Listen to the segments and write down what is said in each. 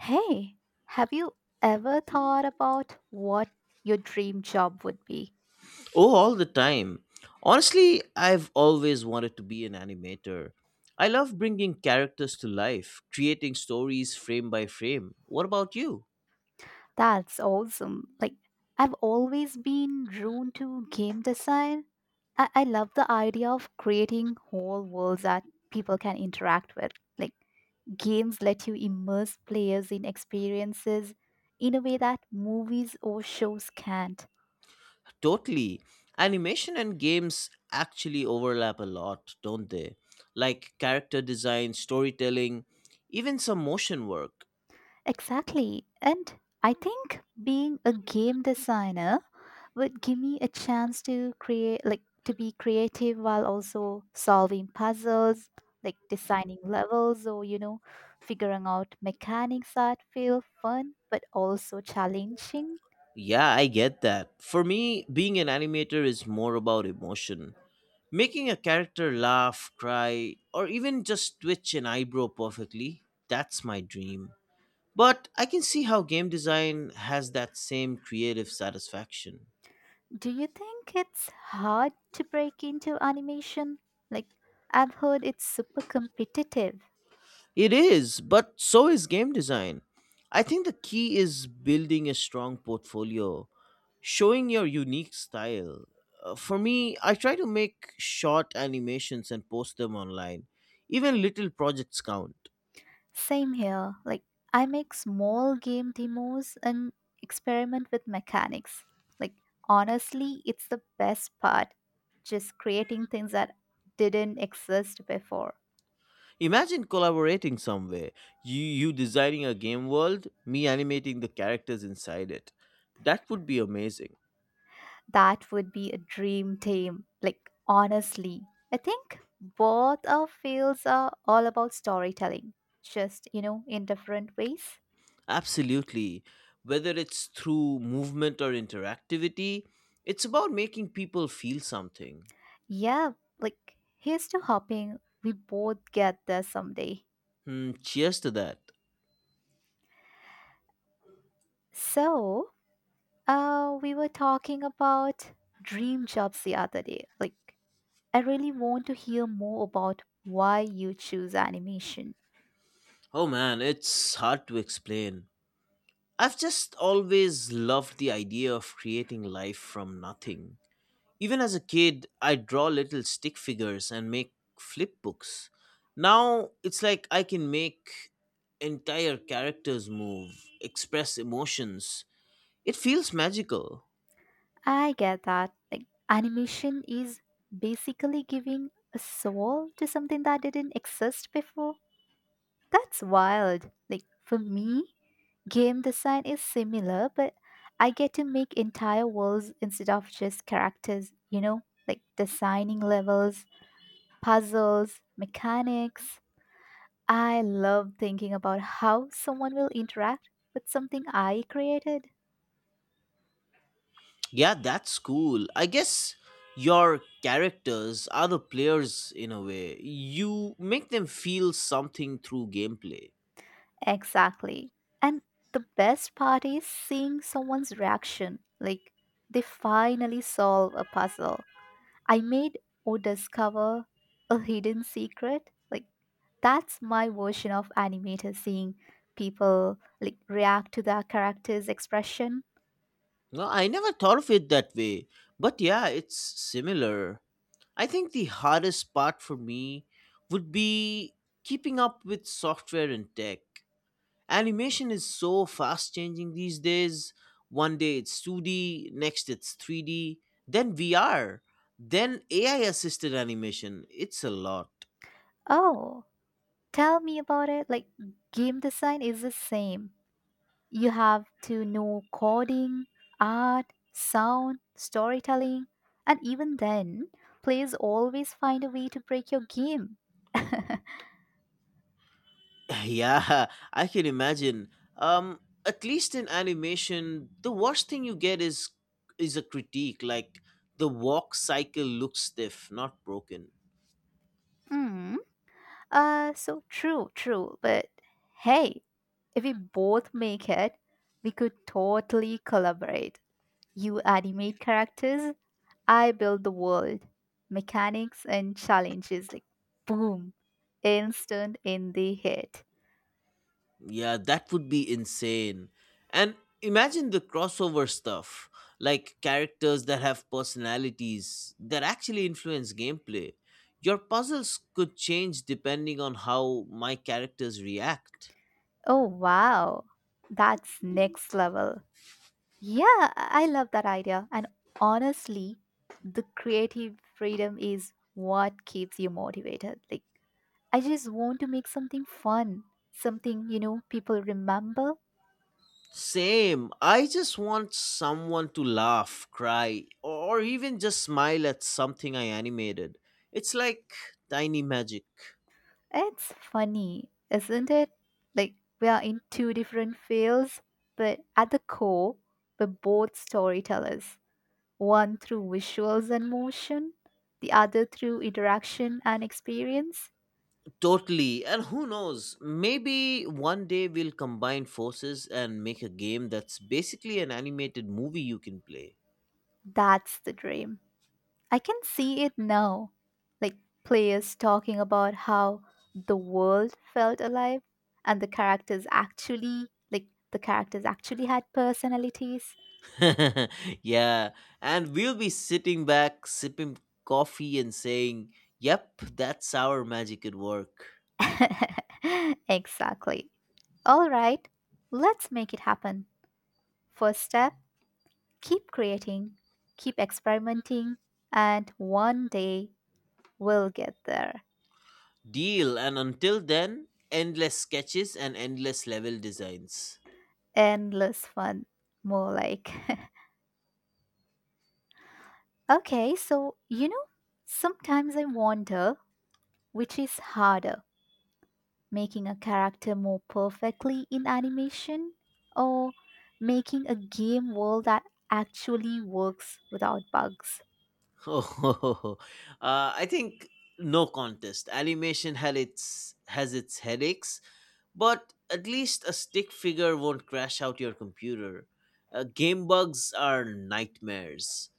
Hey, have you ever thought about what your dream job would be? Oh, all the time. Honestly, I've always wanted to be an animator. I love bringing characters to life, creating stories frame by frame. What about you? That's awesome. Like, I've always been drawn to game design. I love the idea of creating whole worlds that people can interact with. Like, games let you immerse players in experiences in a way that movies or shows can't. Totally. Animation and games actually overlap a lot, don't they? Like character design, storytelling, even some motion work. Exactly. And I think being a game designer would give me a chance to create, like, to be creative while also solving puzzles, like designing levels or, figuring out mechanics that feel fun but also challenging. Yeah, I get that. For me, being an animator is more about emotion. Making a character laugh, cry, or even just twitch an eyebrow perfectly, that's my dream. But I can see how game design has that same creative satisfaction. Do you think it's hard to break into animation? Like, I've heard it's super competitive. It is, but so is game design. I think the key is building a strong portfolio, showing your unique style. For me, I try to make short animations and post them online. Even little projects count. Same here. Like, I make small game demos and experiment with mechanics. Like, honestly, it's the best part. Just creating things that didn't exist before. Imagine collaborating some way. You designing a game world, me animating the characters inside it. That would be amazing. That would be a dream team. Like, honestly, I think both our fields are all about storytelling, just, in different ways. Absolutely. Whether it's through movement or interactivity, it's about making people feel something. Yeah, like, here's to hoping we both get there someday. Hmm, cheers to that. So, we were talking about dream jobs the other day. Like, I really want to hear more about why you choose animation. Oh man, it's hard to explain. I've just always loved the idea of creating life from nothing. Even as a kid, I draw little stick figures and make flip books. Now it's like I can make entire characters move, express emotions. It feels magical. I get that. Like, animation is basically giving a soul to something that didn't exist before. That's wild. Like, for me, game design is similar, but I get to make entire worlds instead of just characters, you know? Like, designing levels, puzzles, mechanics I love thinking about how someone will interact with something I created. Yeah, that's cool. I guess your characters are the players in a way. You make them feel something through gameplay. Exactly. And the best part is seeing someone's reaction. Like, they finally solve a puzzle I made or discover a hidden secret. Like, that's my version of animator seeing people like react to their character's expression. No, I never thought of it that way. But yeah, it's similar. I think the hardest part for me would be keeping up with software and tech. Animation is so fast changing these days. One day it's 2D, next it's 3D, then VR, then AI assisted animation. It's a lot. Oh, tell me about it. Like, game design is the same. You have to know coding, art, sound, storytelling, and even then, players always find a way to break your game. Yeah, I can imagine. Um, at least in animation, the worst thing you get is a critique like the walk cycle looks stiff, not broken. Hmm. So true, true. But hey, if we both make it, we could totally collaborate. You animate characters, I build the world, mechanics and challenges like boom, instant in the head. Yeah, that would be insane. And imagine the crossover stuff, like characters that have personalities that actually influence gameplay. Your puzzles could change depending on how my characters react. Oh, wow. That's next level. Yeah, I love that idea. And honestly, the creative freedom is what keeps you motivated. Like, I just want to make something fun, something, people remember. Same. I just want someone to laugh, cry, or even just smile at something I animated. It's like tiny magic. It's funny, isn't it? Like, we are in two different fields, but at the core, we're both storytellers, one through visuals and motion, the other through interaction and experience. Totally. And who knows? Maybe one day we'll combine forces and make a game that's basically an animated movie you can play. That's the dream. I can see it now. Like players talking about how the world felt alive and the characters actually had personalities. Yeah. And we'll be sitting back, sipping coffee, and saying, "Yep, that's our magic at work." exactly. All right. Let's make it happen. First step, keep creating, keep experimenting, and one day we'll get there. Deal. And until then, endless sketches and endless level designs. Endless fun, more like. Okay, so sometimes I wonder which is harder, making a character more perfectly in animation or making a game world that actually works without bugs. Oh, I think no contest. Animation had its has its headaches. But at least a stick figure won't crash out your computer. Game bugs are nightmares.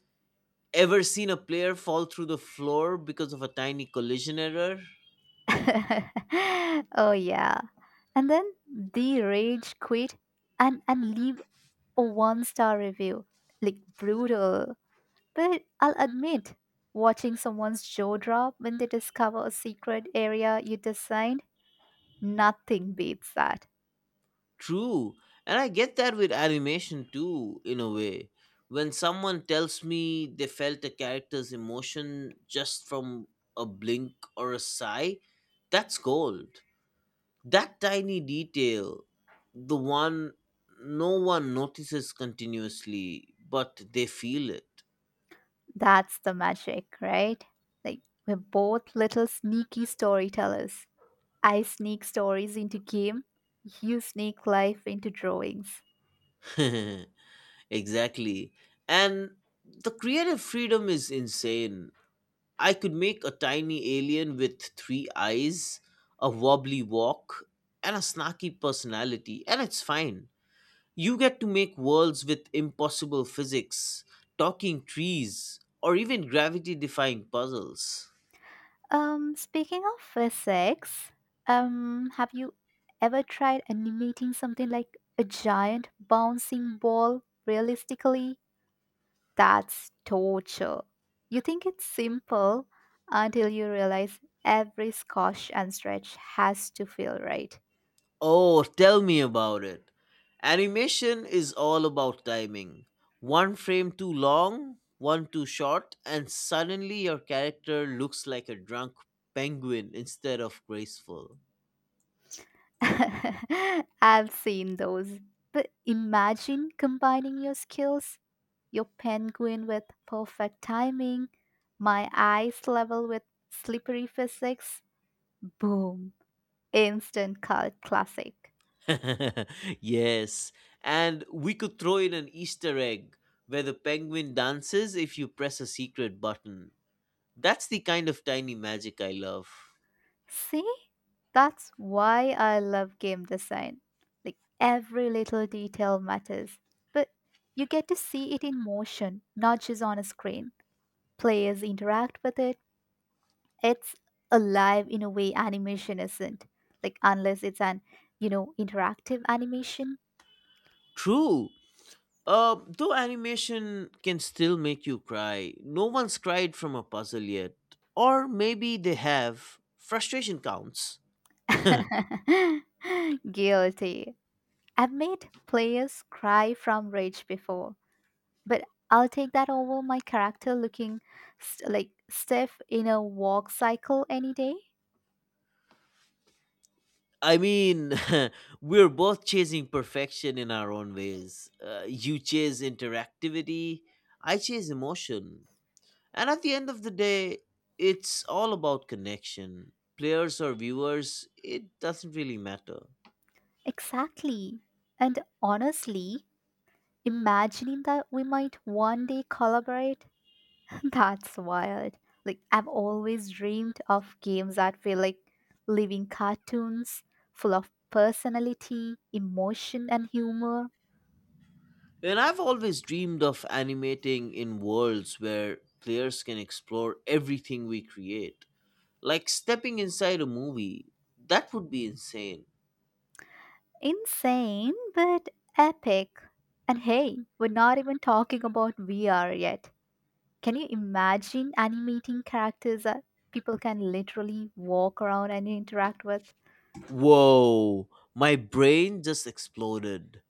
Ever seen a player fall through the floor because of a tiny collision error? oh, yeah. And then they rage quit and leave a one star review. Like, brutal. But I'll admit, watching someone's jaw drop when they discover a secret area you designed Nothing beats that. True. And I get that with animation too, in a way. When someone tells me they felt a character's emotion just from a blink or a sigh, that's gold. That tiny detail, the one no one notices continuously, but they feel That's the magic, right? Like, we're both little sneaky storytellers. I sneak stories into game, you sneak life into drawings. it. Exactly. And the creative freedom is insane. I could make a tiny alien with three eyes, a wobbly walk, and a snarky personality, and it's fine. You get to make worlds with impossible physics, talking trees, or even gravity defying puzzles. Speaking of physics, have you ever tried animating something like a giant bouncing ball realistically? That's torture. You think it's simple until you realize every squash and stretch has to feel right. Oh, tell me about it. Animation is all about timing. One frame too long, one too short, and suddenly your character looks like a drunk penguin instead of graceful. I've seen those. But imagine combining your skills, your penguin with perfect timing, my eyes level with slippery physics, boom, instant cult classic. Yes, and we could throw in an Easter egg where the penguin dances if you press a secret button. That's the kind of tiny magic I love. See? That's why I love game design. Like every little detail matters, but you get to see it in motion, not just on a screen. Players interact with it it's alive in a way animation isn't like unless it's an interactive animation True. Though animation can still make you cry, no one's cried from a puzzle yet. Or maybe they have. Frustration counts. guilty I've made players cry from rage before but I'll take that over my character looking stiff in a walk cycle any day I mean, we're both chasing perfection in our own ways. You chase interactivity, I chase emotion. And at the end of the day, it's all about connection. Players or viewers, it doesn't really matter. exactly and honestly imagining that we might one day collaborate That's wild. Like, I've always dreamed of games that feel like living cartoons, full of personality, emotion, and humor. And I've always dreamed of animating in worlds where players can explore everything we create. Like stepping inside a movie. That would be insane. Insane, but epic. And hey, we're not even talking about VR yet. Can you imagine animating characters that people can literally walk around and interact with? Whoa, my brain just exploded.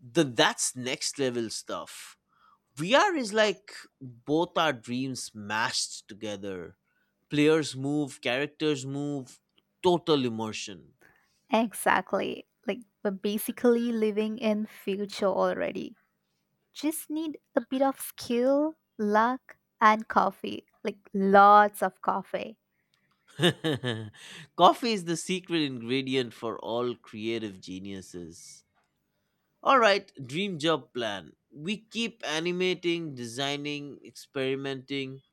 That's next level stuff. VR is like both our dreams mashed together. Players move, characters move, total immersion. Exactly. Like, we're basically living in future already. Just need a bit of skill, luck, and coffee. Like lots of coffee. Coffee is the secret ingredient for all creative geniuses. Alright, dream job plan. We keep animating, designing, experimenting,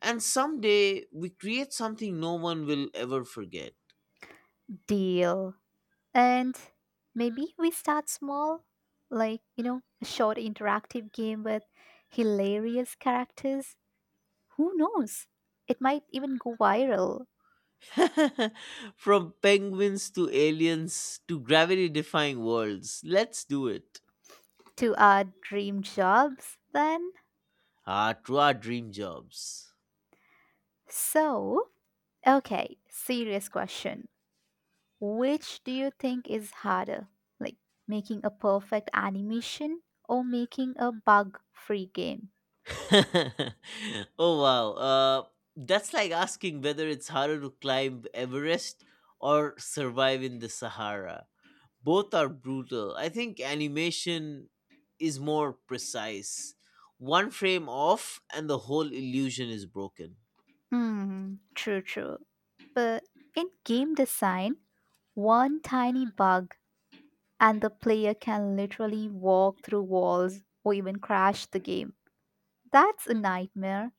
and someday we create something no one will ever forget. Deal. And maybe we start small, like, a short interactive game with hilarious characters. Who knows? It might even go viral From penguins to aliens to gravity defying worlds, let's do it. to our dream jobs then. Ah, to our dream jobs. So, okay, serious question. Which do you think is harder? Like making a perfect animation or making a bug free game? Oh wow. That's like asking whether it's harder to climb Everest or survive in the Sahara. Both are brutal. I think animation is more precise. One frame off and the whole illusion is broken. Hmm, true, true. But in game design, one tiny bug and the player can literally walk through walls or even crash the game. That's a nightmare.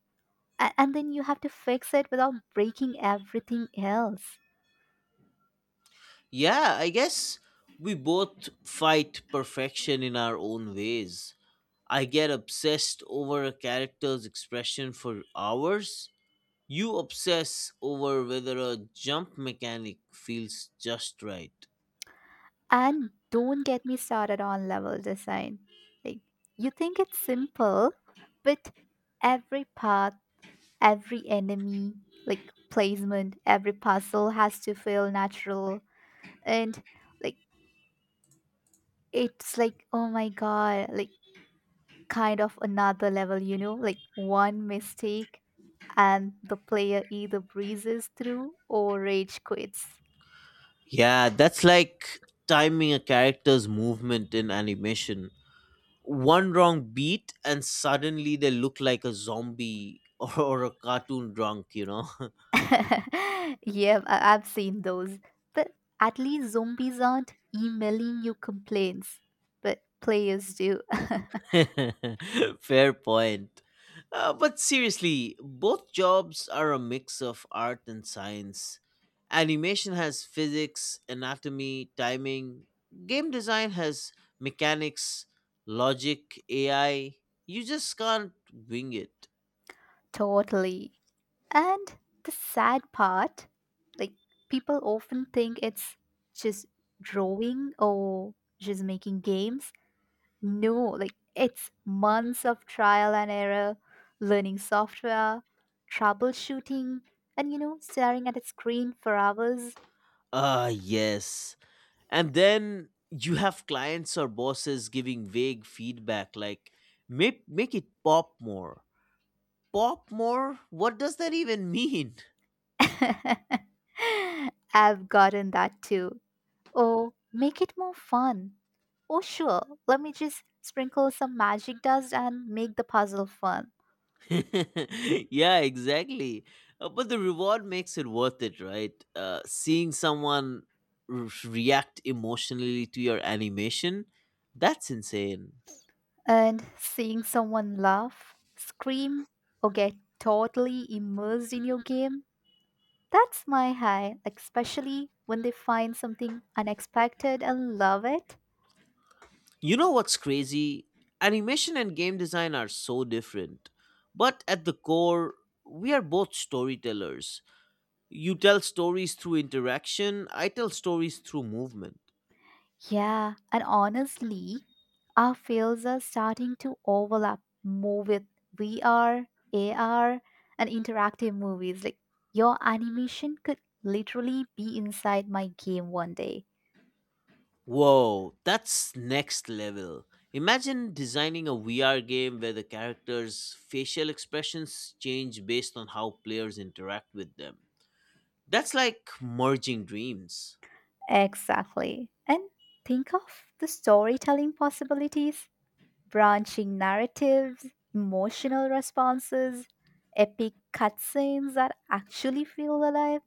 And then you have to fix it without breaking everything else. Yeah, I guess we both fight perfection in our own ways. I get obsessed over a character's expression for hours. You obsess over whether a jump mechanic feels just right. And don't get me started on level design. Like, you think it's simple, but every path, every enemy, like placement, every puzzle has to feel natural. And like, it's like, oh my god, like kind of another level, you know? Like, one mistake and the player either breezes through or rage quits. Yeah, that's like timing a character's movement in animation. One wrong beat, and suddenly they look like a zombie or a cartoon drunk, you know? yep, I've seen those. But at least zombies aren't emailing you complaints, but players do. Fair point. But seriously, both jobs are a mix of art and science. Animation has physics, anatomy, timing. Game design has mechanics, logic, AI. You just can't wing it. Totally. And the sad part, like people often think it's just drawing or just making games. No, like it's months of trial and error, learning software, troubleshooting, and staring at a screen for hours. Ah, yes. And then you have clients or bosses giving vague feedback like make it pop more. Pop more? What does that even mean? I've gotten that too. Oh, make it more fun. Oh, sure, let me just sprinkle some magic dust and make the puzzle fun. Yeah, exactly. But the reward makes it worth it, right? Seeing someone react emotionally to your animation, that's insane. And seeing someone laugh, scream, or get totally immersed in your game, that's my high, especially when they find something unexpected and love it. You know what's crazy? Animation and game design are so different. But at the core, we are both storytellers. You tell stories through interaction, I tell stories through movement. Yeah, and honestly, our fields are starting to overlap more with VR, AR, and interactive movies. Like your animation could literally be inside my game one day. Whoa, that's next level. Imagine designing a VR game where the characters' facial expressions change based on how players interact with them. That's like merging dreams. Exactly. And think of the storytelling possibilities, branching narratives, emotional responses, epic cutscenes that actually feel alive.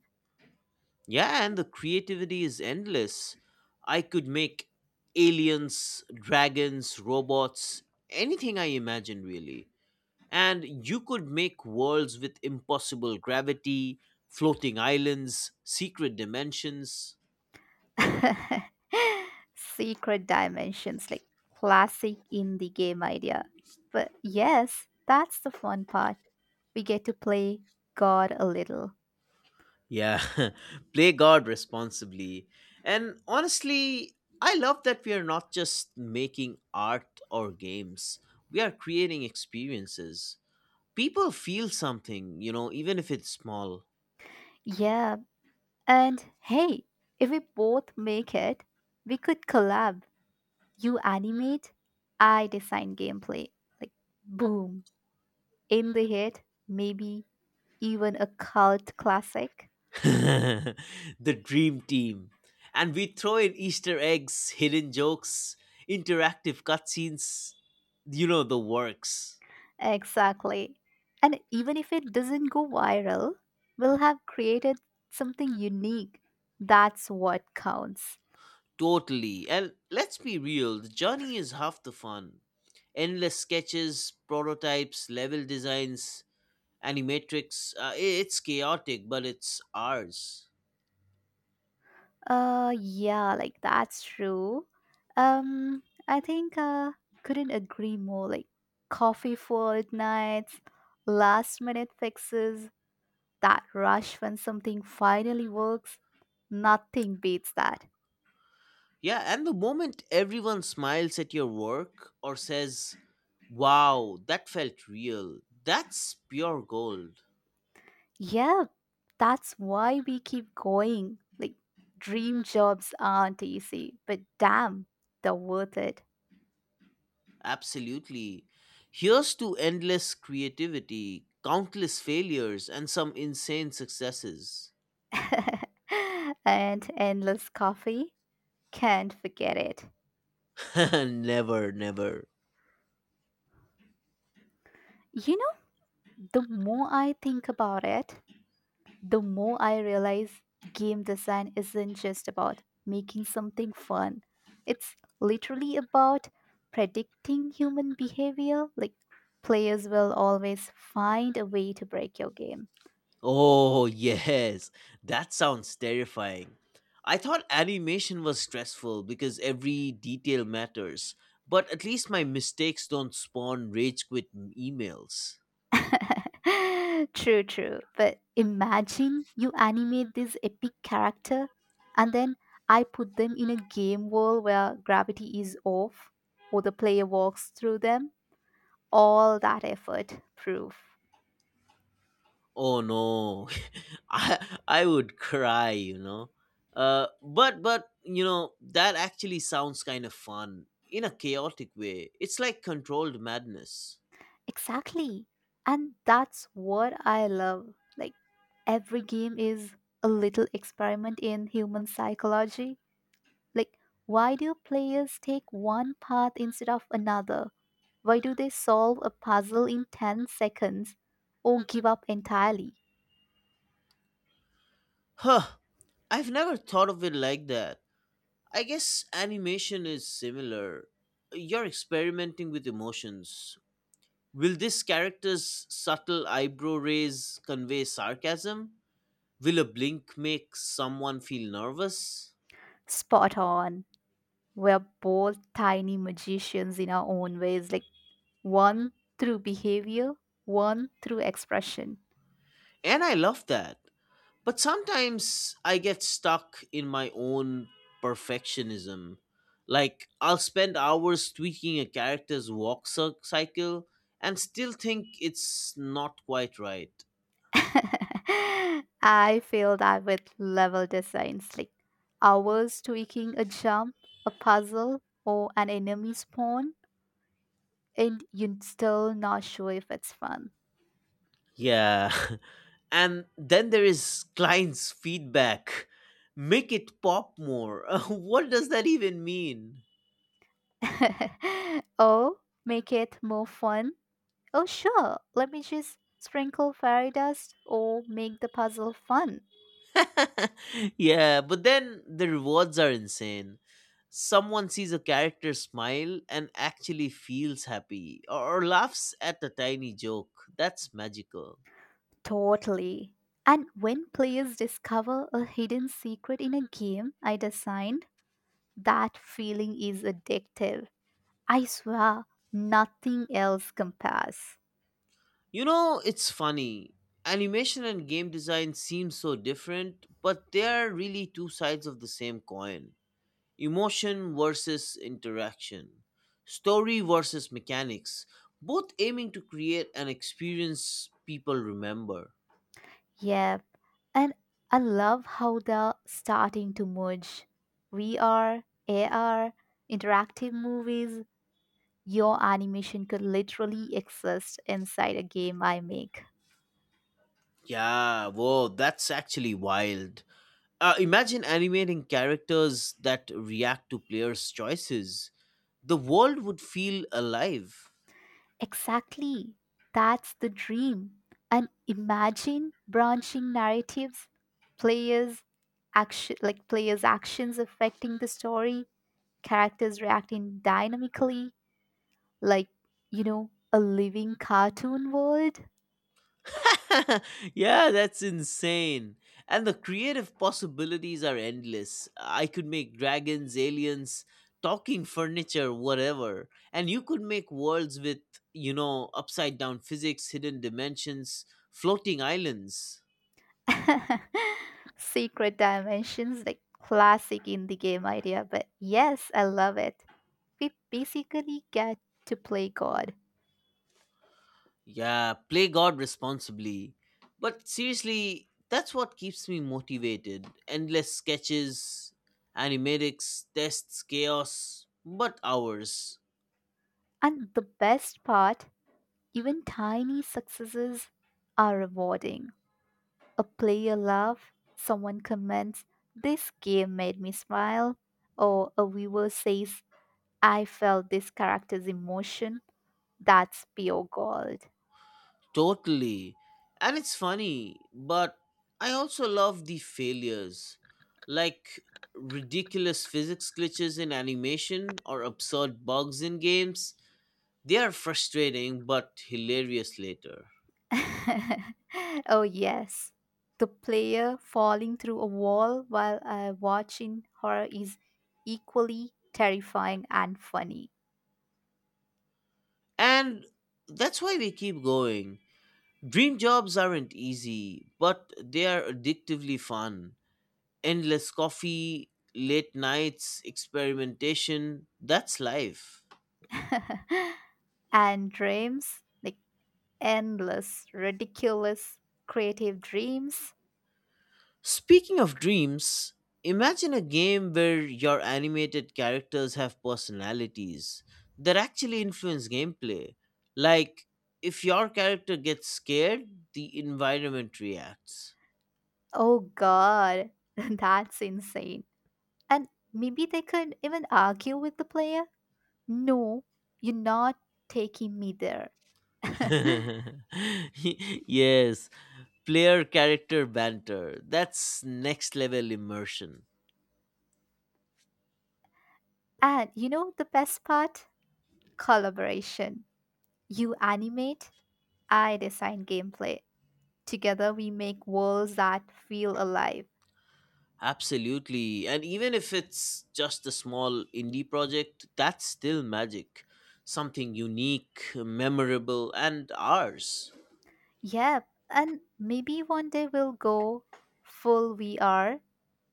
Yeah, and the creativity is endless. I could make aliens, dragons, robots, anything I imagine, really. And you could make worlds with impossible gravity, floating islands, secret dimensions. Secret dimensions, like classic indie game idea. But yes, that's the fun part. We get to play God a little. Yeah, play God responsibly. And honestly, I love that we are not just making art or games, we are creating experiences. People feel something, you know, even if it's small. Yeah, and hey, if we both make it, we could collab. You animate, I design gameplay. Like, boom, in the hit, maybe even a cult classic. The dream team. And we throw in Easter eggs, hidden jokes, interactive cutscenes, you know, the works. Exactly. And even if it doesn't go viral, we'll have created something unique. That's what counts. Totally. And let's be real, the journey is half the fun. Endless sketches, prototypes, level designs, animatrix. It's chaotic, but it's ours. Yeah, like that's true. I think couldn't agree more like coffee for nights, last minute fixes, that rush when something finally works, nothing beats that. Yeah, and the moment everyone smiles at your work or says, "Wow, that felt real," that's pure gold. Yeah, that's why we keep going. Like, dream jobs aren't easy, but damn, they're worth it. Absolutely. Here's to endless creativity, countless failures, and some insane successes. and endless coffee, can't forget it. Never, never. You know, the more I think about it, the more I realize game design isn't just about making something fun. It's literally about predicting human behavior. Like, players will always find a way to break your game. Oh, yes. That sounds terrifying. I thought animation was stressful because every detail matters, but at least my mistakes don't spawn rage quit emails. true, true. But imagine you animate this epic character and then I put them in a game world where gravity is off or the player walks through them. All that effort, proof. Oh no. I would cry, you know. But you know, that actually sounds kind of fun in a chaotic way. It's like controlled madness. Exactly. And that's what I love. Like, every game is a little experiment in human psychology. Like, why do players take one path instead of another? Why do they solve a puzzle in 10 seconds or give up entirely? Huh. I've never thought of it like that. I guess animation is similar. You're experimenting with emotions. Will this character's subtle eyebrow raise convey sarcasm? Will a blink make someone feel nervous? Spot on. We're both tiny magicians in our own ways, like one through behavior, one through expression. And I love that. But sometimes I get stuck in my own perfectionism. Like, I'll spend hours tweaking a character's walk cycle and still think it's not quite right. I feel that with level designs, like hours tweaking a jump, a puzzle, or an enemy spawn and you're still not sure if it's fun. Yeah. And then there is clients' feedback. Make it pop more. What does that even mean? oh, make it more fun. Oh, sure, let me just sprinkle fairy dust or make the puzzle fun. Yeah, but then the rewards are insane. Someone sees a character smile and actually feels happy or laughs at a tiny joke. That's magical. Totally. And when players discover a hidden secret in a game I designed, that feeling is addictive. I swear, nothing else compares. You know, it's funny. Animation and game design seem so different, but they are really two sides of the same coin. Emotion versus interaction, story versus mechanics, both aiming to create an experience people remember. Yeah, And I love how they're starting to merge VR, AR, interactive movies. Your animation could literally exist inside a game I make. Yeah, whoa, that's actually wild. Imagine animating characters that react to players' choices. The world would feel alive. Exactly. That's the dream. And imagine branching narratives, players players' actions affecting the story, characters reacting dynamically, like, a living cartoon world. Yeah, that's insane. And the creative possibilities are endless. I could make dragons, aliens, talking furniture, whatever. And you could make worlds with, you know, upside down physics, hidden dimensions, floating islands. Secret dimensions, like classic indie game idea, but yes, I love it. We basically get to play God. Yeah, play God responsibly. But seriously, that's what keeps me motivated. Endless sketches, animatics, tests, chaos, but hours. And the best part, even tiny successes are rewarding. A player love, someone comments, This game made me smile, or a viewer says, I felt this character's emotion. That's pure gold. Totally. And it's funny, but I also love the failures, like ridiculous physics glitches in animation or absurd bugs in games. They are frustrating but hilarious later. oh, yes. The player falling through a wall while watching horror is equally terrifying and funny. And that's why we keep going. Dream jobs aren't easy, but they are addictively fun. Endless coffee, late nights, experimentation, that's life. and dreams, like endless, ridiculous, creative dreams. Speaking of dreams, imagine a game where your animated characters have personalities that actually influence gameplay. Like, if your character gets scared, the environment reacts. Oh, God, that's insane. And maybe they could even argue with the player. No, you're not taking me there. Yes, player character banter. That's next level immersion. and you know the best part? Collaboration You animate, I design gameplay. Together we make worlds that feel alive. Absolutely. And even if it's just a small indie project, that's still magic. Something unique, memorable, and ours. Yep, and maybe one day we'll go full VR,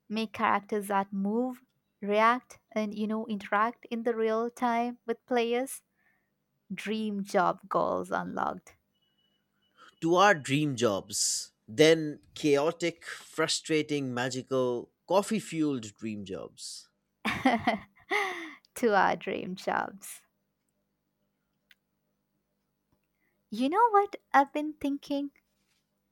make characters that move, react, and interact in the real time with players. Dream job goals unlocked. To our dream jobs. Then chaotic, frustrating, magical, coffee fueled dream jobs. to our dream jobs. You know what I've been thinking?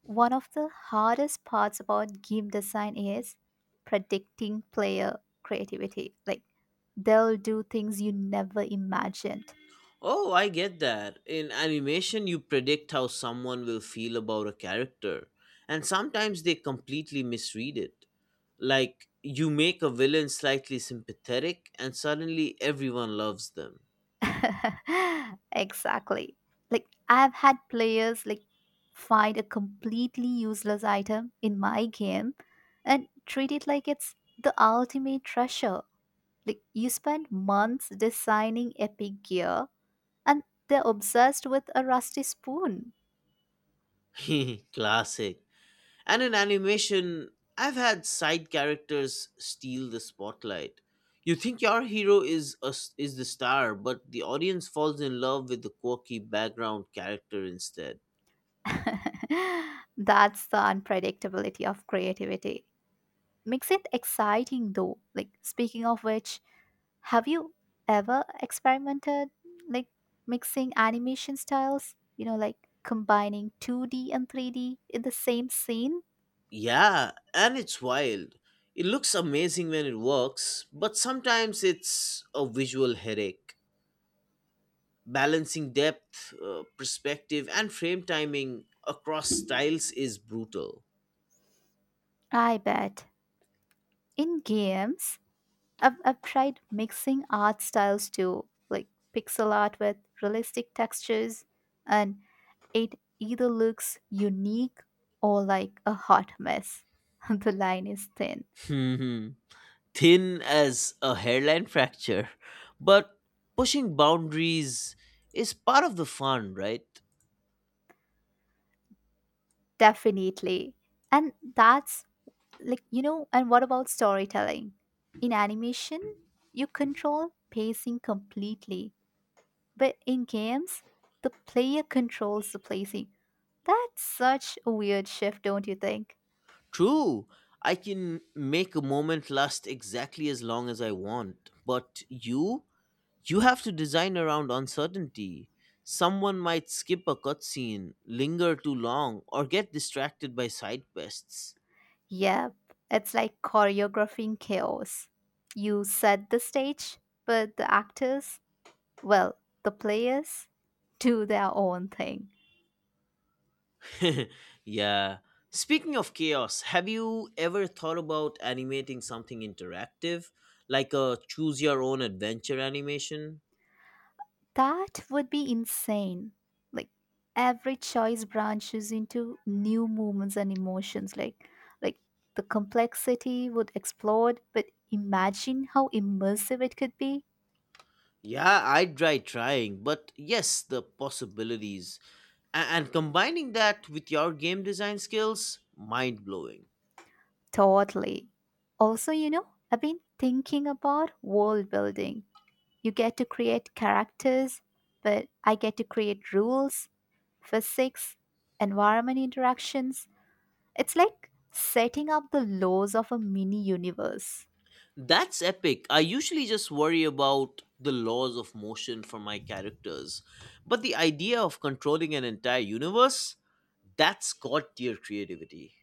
One of the hardest parts about game design is predicting player creativity. Like they'll do things you never imagined. Oh, I get that. In animation, you predict how someone will feel about a character, and sometimes they completely misread it. Like, you make a villain slightly sympathetic, and suddenly everyone loves them. exactly. Like I've had players like find a completely useless item in my game and treat it like it's the ultimate treasure. Like you spend months designing epic gear and they're obsessed with a rusty spoon. Classic. And in animation, I've had side characters steal the spotlight. You think your hero is the star, but the audience falls in love with the quirky background character instead. That's the unpredictability of creativity. Makes it exciting though. Like speaking of which, have you ever experimented like mixing animation styles, like combining 2D and 3D in the same scene? Yeah, and it's wild. It looks amazing when it works, but sometimes it's a visual headache. Balancing depth, perspective, and frame timing across styles is brutal. I bet. In games, I've tried mixing art styles too, like pixel art with realistic textures and It either looks unique or like a hot mess. the line is thin. Hmm. Thin as a hairline fracture. But pushing boundaries is part of the fun, right? Definitely. And that's like, and what about storytelling? In animation, you control pacing completely, but in games, the player controls the pacing. That's such a weird shift, don't you think? True, I can make a moment last exactly as long as I want, but you have to design around uncertainty. Someone might skip a cutscene, linger too long, or get distracted by side quests. Yep, it's like choreographing chaos. You set the stage, but the actors Well, the players do their own thing. Yeah. Speaking of chaos, have you ever thought about animating something interactive, like a choose your own adventure animation? That would be insane. Like every choice branches into new movements and emotions. Like the complexity would explode, but imagine how immersive it could be. Yeah, I'd try trying, but yes, the possibilities. And combining that with your game design skills, mind blowing. Totally. Also, you know, I've been thinking about world building. You get to create characters, but I get to create rules, physics, environment interactions It's like setting up the laws of a mini universe. That's epic. I usually just worry about the laws of motion for my characters, but the idea of controlling an entire universe, that's got your creativity.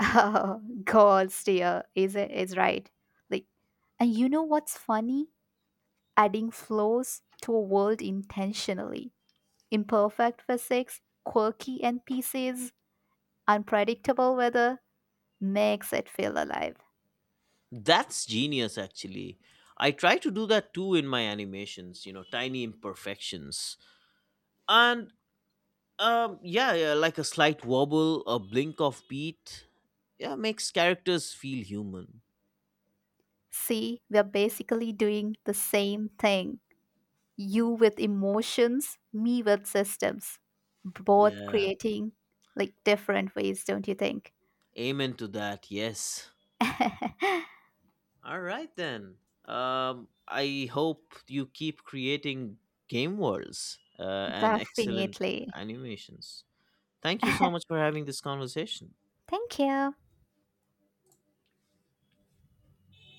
Oh, God, dear, is it is right. Like, and you know what's funny? Adding flows to a world intentionally. Imperfect physics, quirky NPCs, unpredictable weather makes it feel alive. That's genius, actually. I try to do that too in my animations, you know, tiny imperfections. And yeah, yeah, like a slight wobble, a blink of beat. Yeah, makes characters feel human. See, we are basically doing the same thing. You with emotions, me with systems. Both Yeah, creating like different ways, don't you think? amen to that, yes. All right, then. I hope you keep creating game worlds and excellent Definitely. animations. Thank you so much for having this conversation. Thank you.